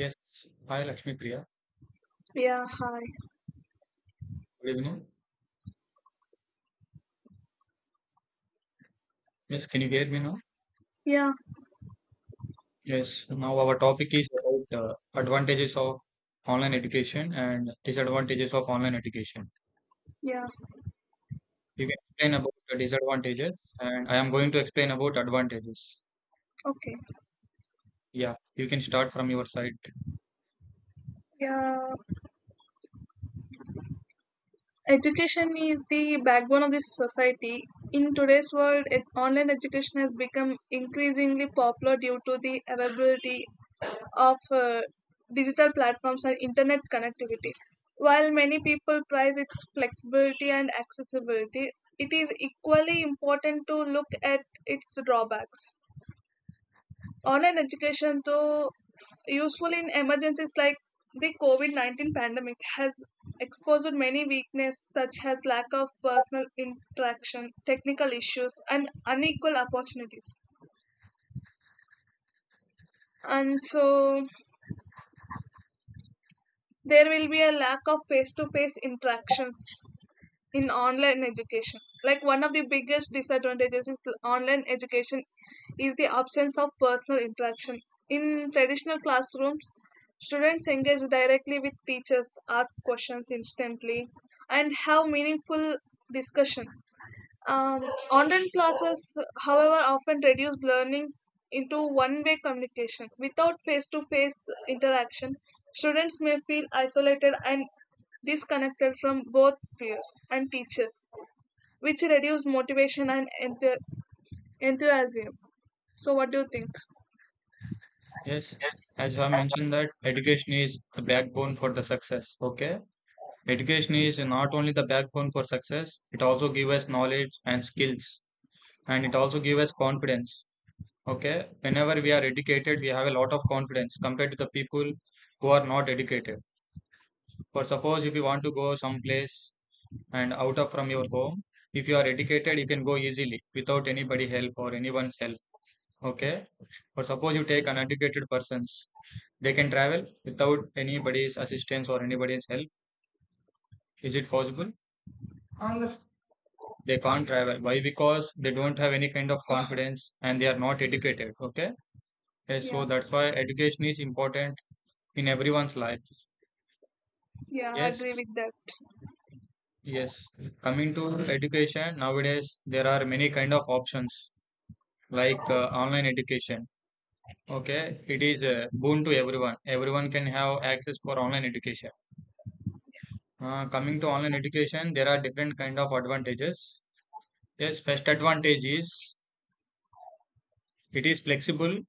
Yes, hi Lakshmi Priya. Yeah, hi. Good evening. Yes, can you hear me now? Yeah, Yes, now our topic is about advantages of online education and disadvantages of online education. yeah, You can explain about the disadvantages, and I am going to explain about advantages. okay. Yeah, you can start from your side. Yeah, education is the backbone of this society. In today's world, online education has become increasingly popular due to the availability of digital platforms and internet connectivity. While many people prize its flexibility and accessibility, it is equally important to look at its drawbacks. Online education, though useful in emergencies like the covid-19 pandemic, has exposed many weaknesses such as lack of personal interaction, technical issues, and unequal opportunities. And so there will be a lack of face-to-face interactions in online education. Like, one of the biggest disadvantages online education is the absence of personal interaction. In traditional classrooms, students engage directly with teachers, ask questions instantly, and have meaningful discussion. Um, Online classes, however, often reduce learning into one way communication. Without face to face interaction, students may feel isolated and disconnected from both peers and teachers, which reduce motivation and enthusiasm. So, what do you think? Yes, as you have mentioned that education is the backbone for the success. Okay, education is not only the backbone for success; it also gives us knowledge and skills, and it also gives us confidence. Okay, whenever we are educated, we have a lot of confidence compared to the people who are not educated. For suppose if you want to go someplace and out of from your home, if you are educated, you can go easily without anybody help or anyone's help. Okay, or suppose you take uneducated persons, they can travel without anybody's assistance or anybody's help. Is it possible? They can't travel. Why? Because they don't have any kind of confidence and they are not educated. Okay, yes, Yeah, so that's why education is important in everyone's life. yeah, I Yes, agree with that. yes. Coming to education nowadays, there are many kind of options like online education. Okay, it is a boon to everyone. Everyone can have access for online education. Coming to online education, there are different kind of advantages. Yes, first advantage is it is flexible.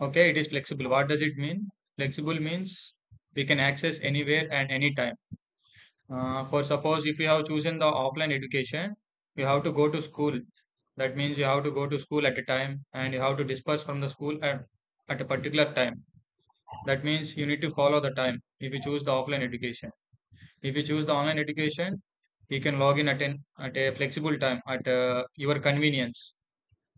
Okay, it is flexible. What does it mean? Flexible means we can access anywhere and anytime. For suppose if you have chosen the offline education, you have to go to school. That means you have to go to school at a time and you have to disperse from the school at a particular time. That means you need to follow the time if you choose the offline education. If you choose the online education, you can log in at a flexible time at your convenience.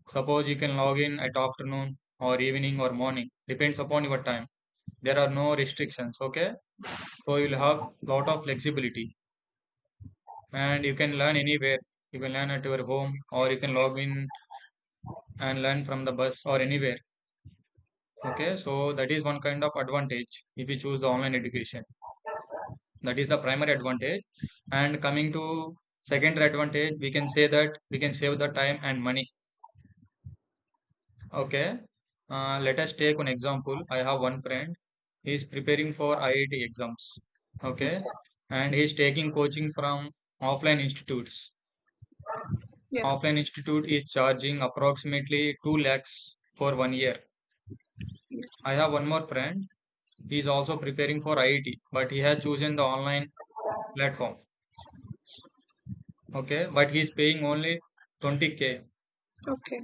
Suppose you can log in at afternoon or evening or morning, depends upon your time. There are no restrictions, okay? So you'll Yeah, have lot of flexibility, and you can learn anywhere. You can learn at your home or you can log in and learn from the bus or anywhere. Okay, so that is one kind of advantage if you choose the online education. That is the primary advantage. And coming to secondary advantage, we can say that we can save the time and money. Okay, let us take an example. I have one friend. He is preparing for iit exams. Okay, and he is taking coaching from offline institutes. yeah, Of an institute is charging approximately 2 lakhs for 1 year. yeah. I have one more friend. He is also preparing for IIT, but he has chosen the online platform. Okay, but he is paying only 20K. Okay,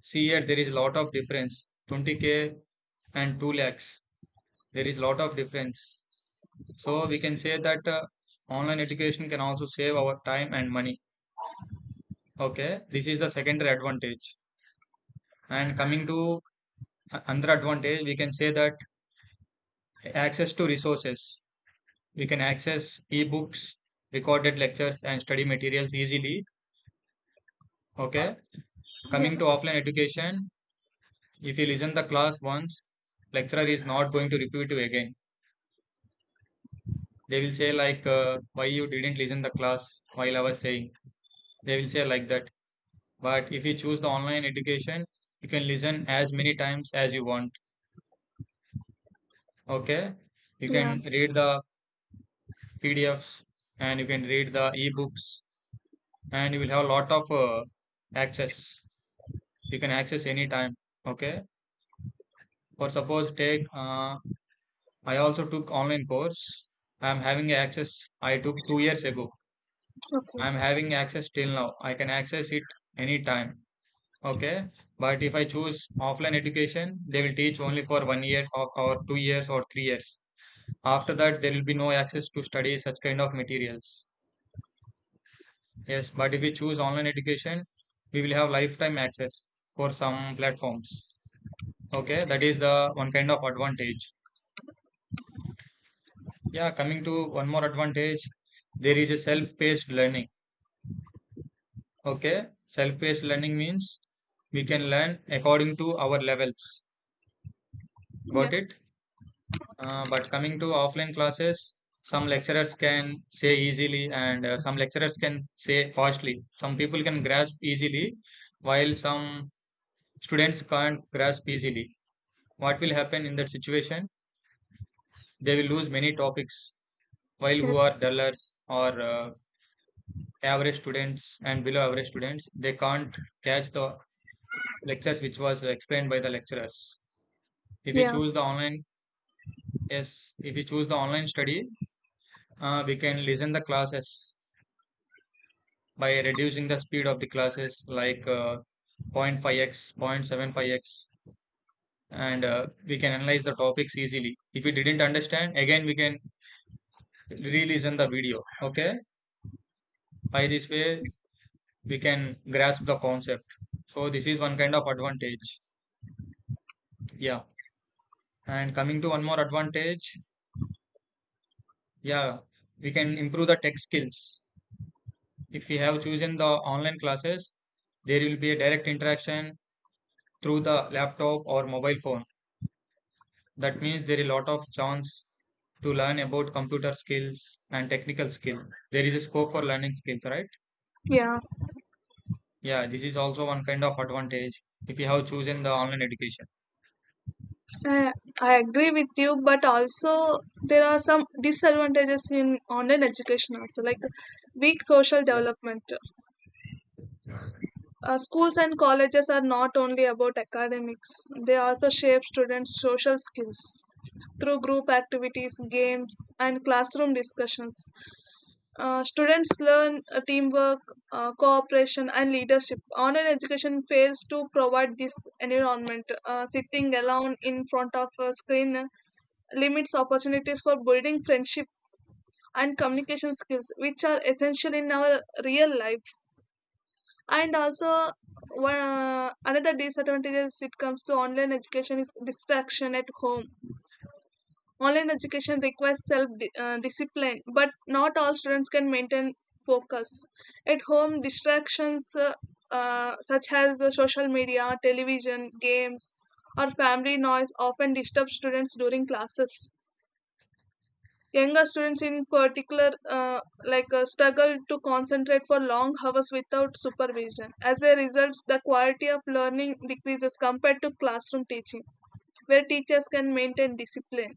See here, there is a lot of difference. 20K and 2 lakhs. There is a lot of difference. So we can say that online education can also save our time and money. Okay, this is the secondary advantage. And coming to another advantage, we can say that access to resources. We can access ebooks, recorded lectures, and study materials easily. Okay. yeah, Coming to offline education, if you listen the class once, lecturer is not going to repeat you again. They will say like, why you didn't listen the class while I was saying. They will say like that. But if you choose the online education, you can listen as many times as you want. Okay. You yeah, can read the PDFs and you can read the ebooks and you will have a lot of access. You can access anytime. Okay, or suppose take I also took online course. I am having access. I took 2 years ago. I am okay, having access till now. I can access it anytime. Okay, but if I choose offline education, they will teach only for 1 year or 2 years or 3 years. After that, there will be no access to study such kind of materials. Yes, but if we choose online education, we will have lifetime access for some platforms. Okay, that is the one kind of advantage. Yeah, coming to one more advantage, there is a self-paced learning. Okay, self-paced learning means we can learn according to our levels. yeah, Got it? But coming to offline classes, some lecturers can say easily and some lecturers can say fastly. Some people can grasp easily, while some students can't grasp easily. What will happen in that situation? They will lose many topics, while who are yes, dullers or average students and below average students they can't catch the lectures which was explained by the lecturers if we yeah, choose the online. Yes, if we choose the online study, we can listen the classes by reducing the speed of the classes like 0.5x 0.75x and we can analyze the topics easily. If we didn't understand again we can re-listen the video. Okay, by this way we can grasp the concept. So this is one kind of advantage. Yeah. And coming to one more advantage, yeah, we can improve the tech skills. If we have chosen the online classes, there will be a direct interaction through the laptop or mobile phone. That means there is a lot of chance to learn about computer skills and technical skill. There is a scope for learning skills, right? yeah. Yeah, this is also one kind of advantage if you have chosen the online education. Uh, I agree with you, but also there are some disadvantages in online education also, like weak social Yeah, development. Schools and colleges are not only about academics; they also shape students' social skills through group activities, games, and classroom discussions. Students learn teamwork, cooperation, and leadership. Online education fails to provide this environment. Sitting alone in front of a screen limits opportunities for building friendship and communication skills, which are essential in our real life. And also, one another disadvantage as it comes to online education is distraction at home. Online education requires self discipline, but not all students can maintain focus at home. Distractions, such as the social media, television, games, or family noise, often disturb students during classes. Younger students, in particular, like, struggle to concentrate for long hours without supervision. As a result, the quality of learning decreases compared to classroom teaching, where teachers can maintain discipline.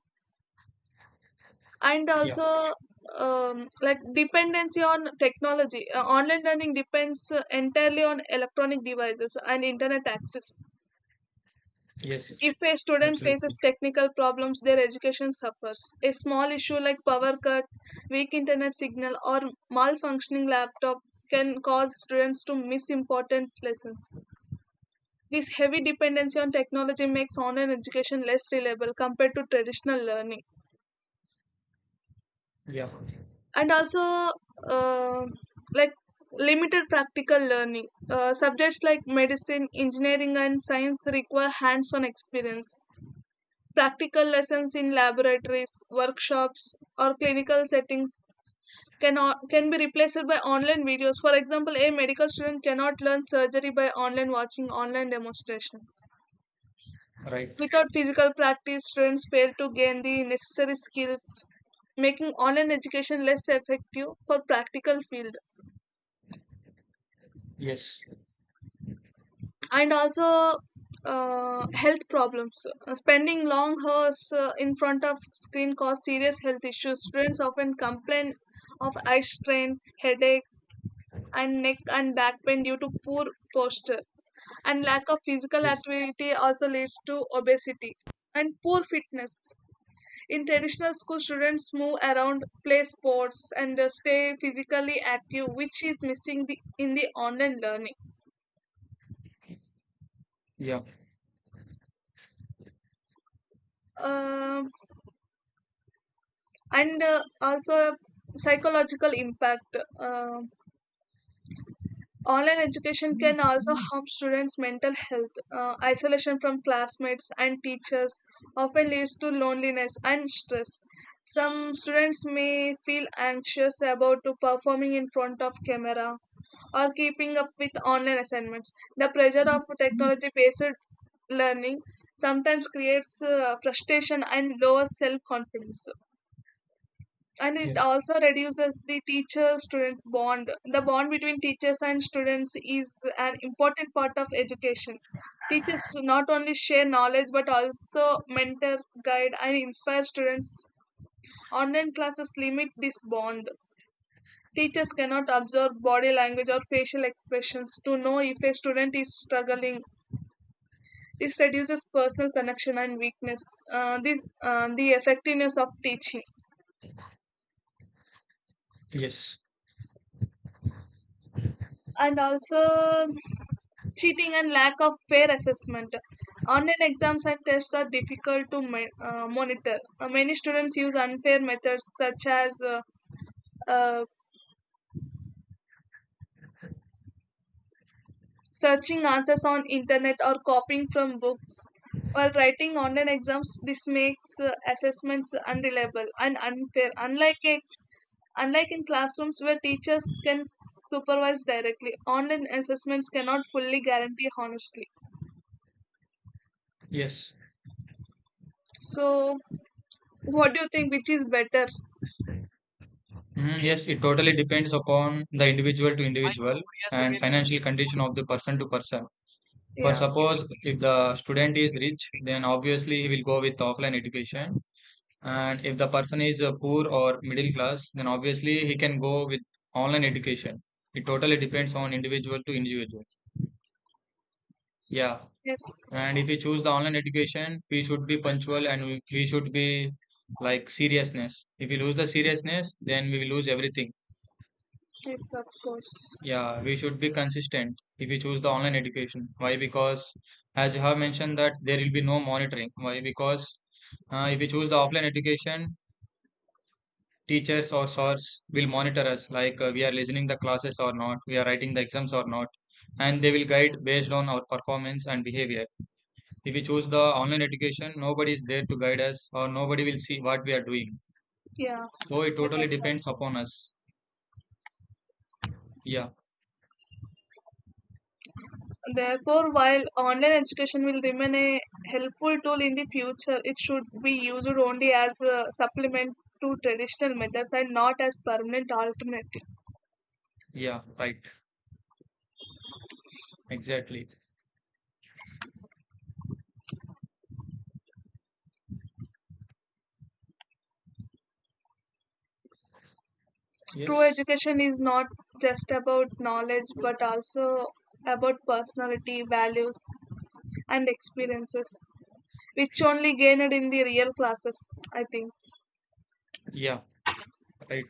And yeah, also, like dependency on technology. Online learning depends entirely on electronic devices and internet access. yes, If a student absolutely. faces technical problems, their education suffers. A small issue like power cut, weak internet signal, or malfunctioning laptop can cause students to miss important lessons. This heavy dependency on technology makes online education less reliable compared to traditional learning. Yeah, And also, uh, like limited practical learning. Subjects like medicine, engineering, and science require hands on experience. Practical lessons in laboratories, workshops, or clinical settings can be replaced by online videos. For example, a medical student cannot learn surgery by online watching online demonstrations. right. Without physical practice, students fail to gain the necessary skills, making online education less effective for practical field. Yes, And also, health problems. Spending long hours in front of screen cause serious health issues. Students often complain of eye strain, headache, and neck and back pain due to poor posture. And lack of physical yes, activity also leads to obesity and poor fitness. In traditional school, students move around, play sports, and stay physically active, which is missing in the online learning. yeah, Um and also psychological impact. Online education can also harm students mental health. Isolation from classmates and teachers often leads to loneliness and stress. Some students may feel anxious about to performing in front of camera or keeping up with online assignments. The pressure of technology based learning sometimes creates frustration and lower self confidence. And it yes. also reduces the teacher student bond. The bond between teachers and students is an important part of education. Teachers not only share knowledge but also mentor, guide, and inspire students. Online classes limit this bond. Teachers cannot observe body language or facial expressions to know if a student is struggling. This reduces personal connection and weakness uh, this, the effectiveness of teaching. Yes, And also, cheating and lack of fair assessment. Online exams and tests are difficult to monitor. Many students use unfair methods, such as uh, searching answers on internet or copying from books while writing online exams. This makes assessments unreliable and unfair. Unlike in classrooms where teachers can supervise directly, online assessments cannot fully guarantee honestly. yes, So, what do you think? Which is better? mm, yes. It totally depends upon the individual to individual and financial condition of the person to person. For Yeah. suppose if the student is rich, then obviously he will go with offline education. And if the person is poor or middle class, then obviously he can go with online education. It totally depends on individual to individual. Yeah. Yes, And if we choose the online education, we should be punctual and we should be like seriousness. If we lose the seriousness, then we will lose everything. yes, of course. Yeah, we should be consistent if we choose the online education. Why? Because as you have mentioned that there will be no monitoring. Why? Because if we choose the offline education, teachers or SORs will monitor us like we are listening the classes or not, we are writing the exams or not, and they will guide based on our performance and behavior. If we choose the online education, nobody is there to guide us or nobody will see what we are doing. Yeah, So it that totally exact. depends upon us. Yeah, Therefore, while online education will remain a helpful tool in the future, it should be used only as a supplement to traditional methods and not as permanent alternative. yeah, right. Exactly. True Yes. education is not just about knowledge, but also about personality, values, and experiences, which only gained in the real classes. I think. Yeah, right.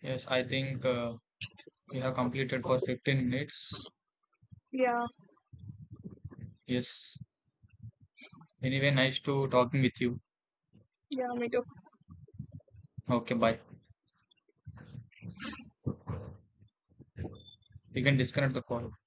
Yes, I think we have completed for 15 minutes. Yeah, Yes. Anyway, nice to talking with you. yeah, me too. Okay, bye. You can disconnect the call.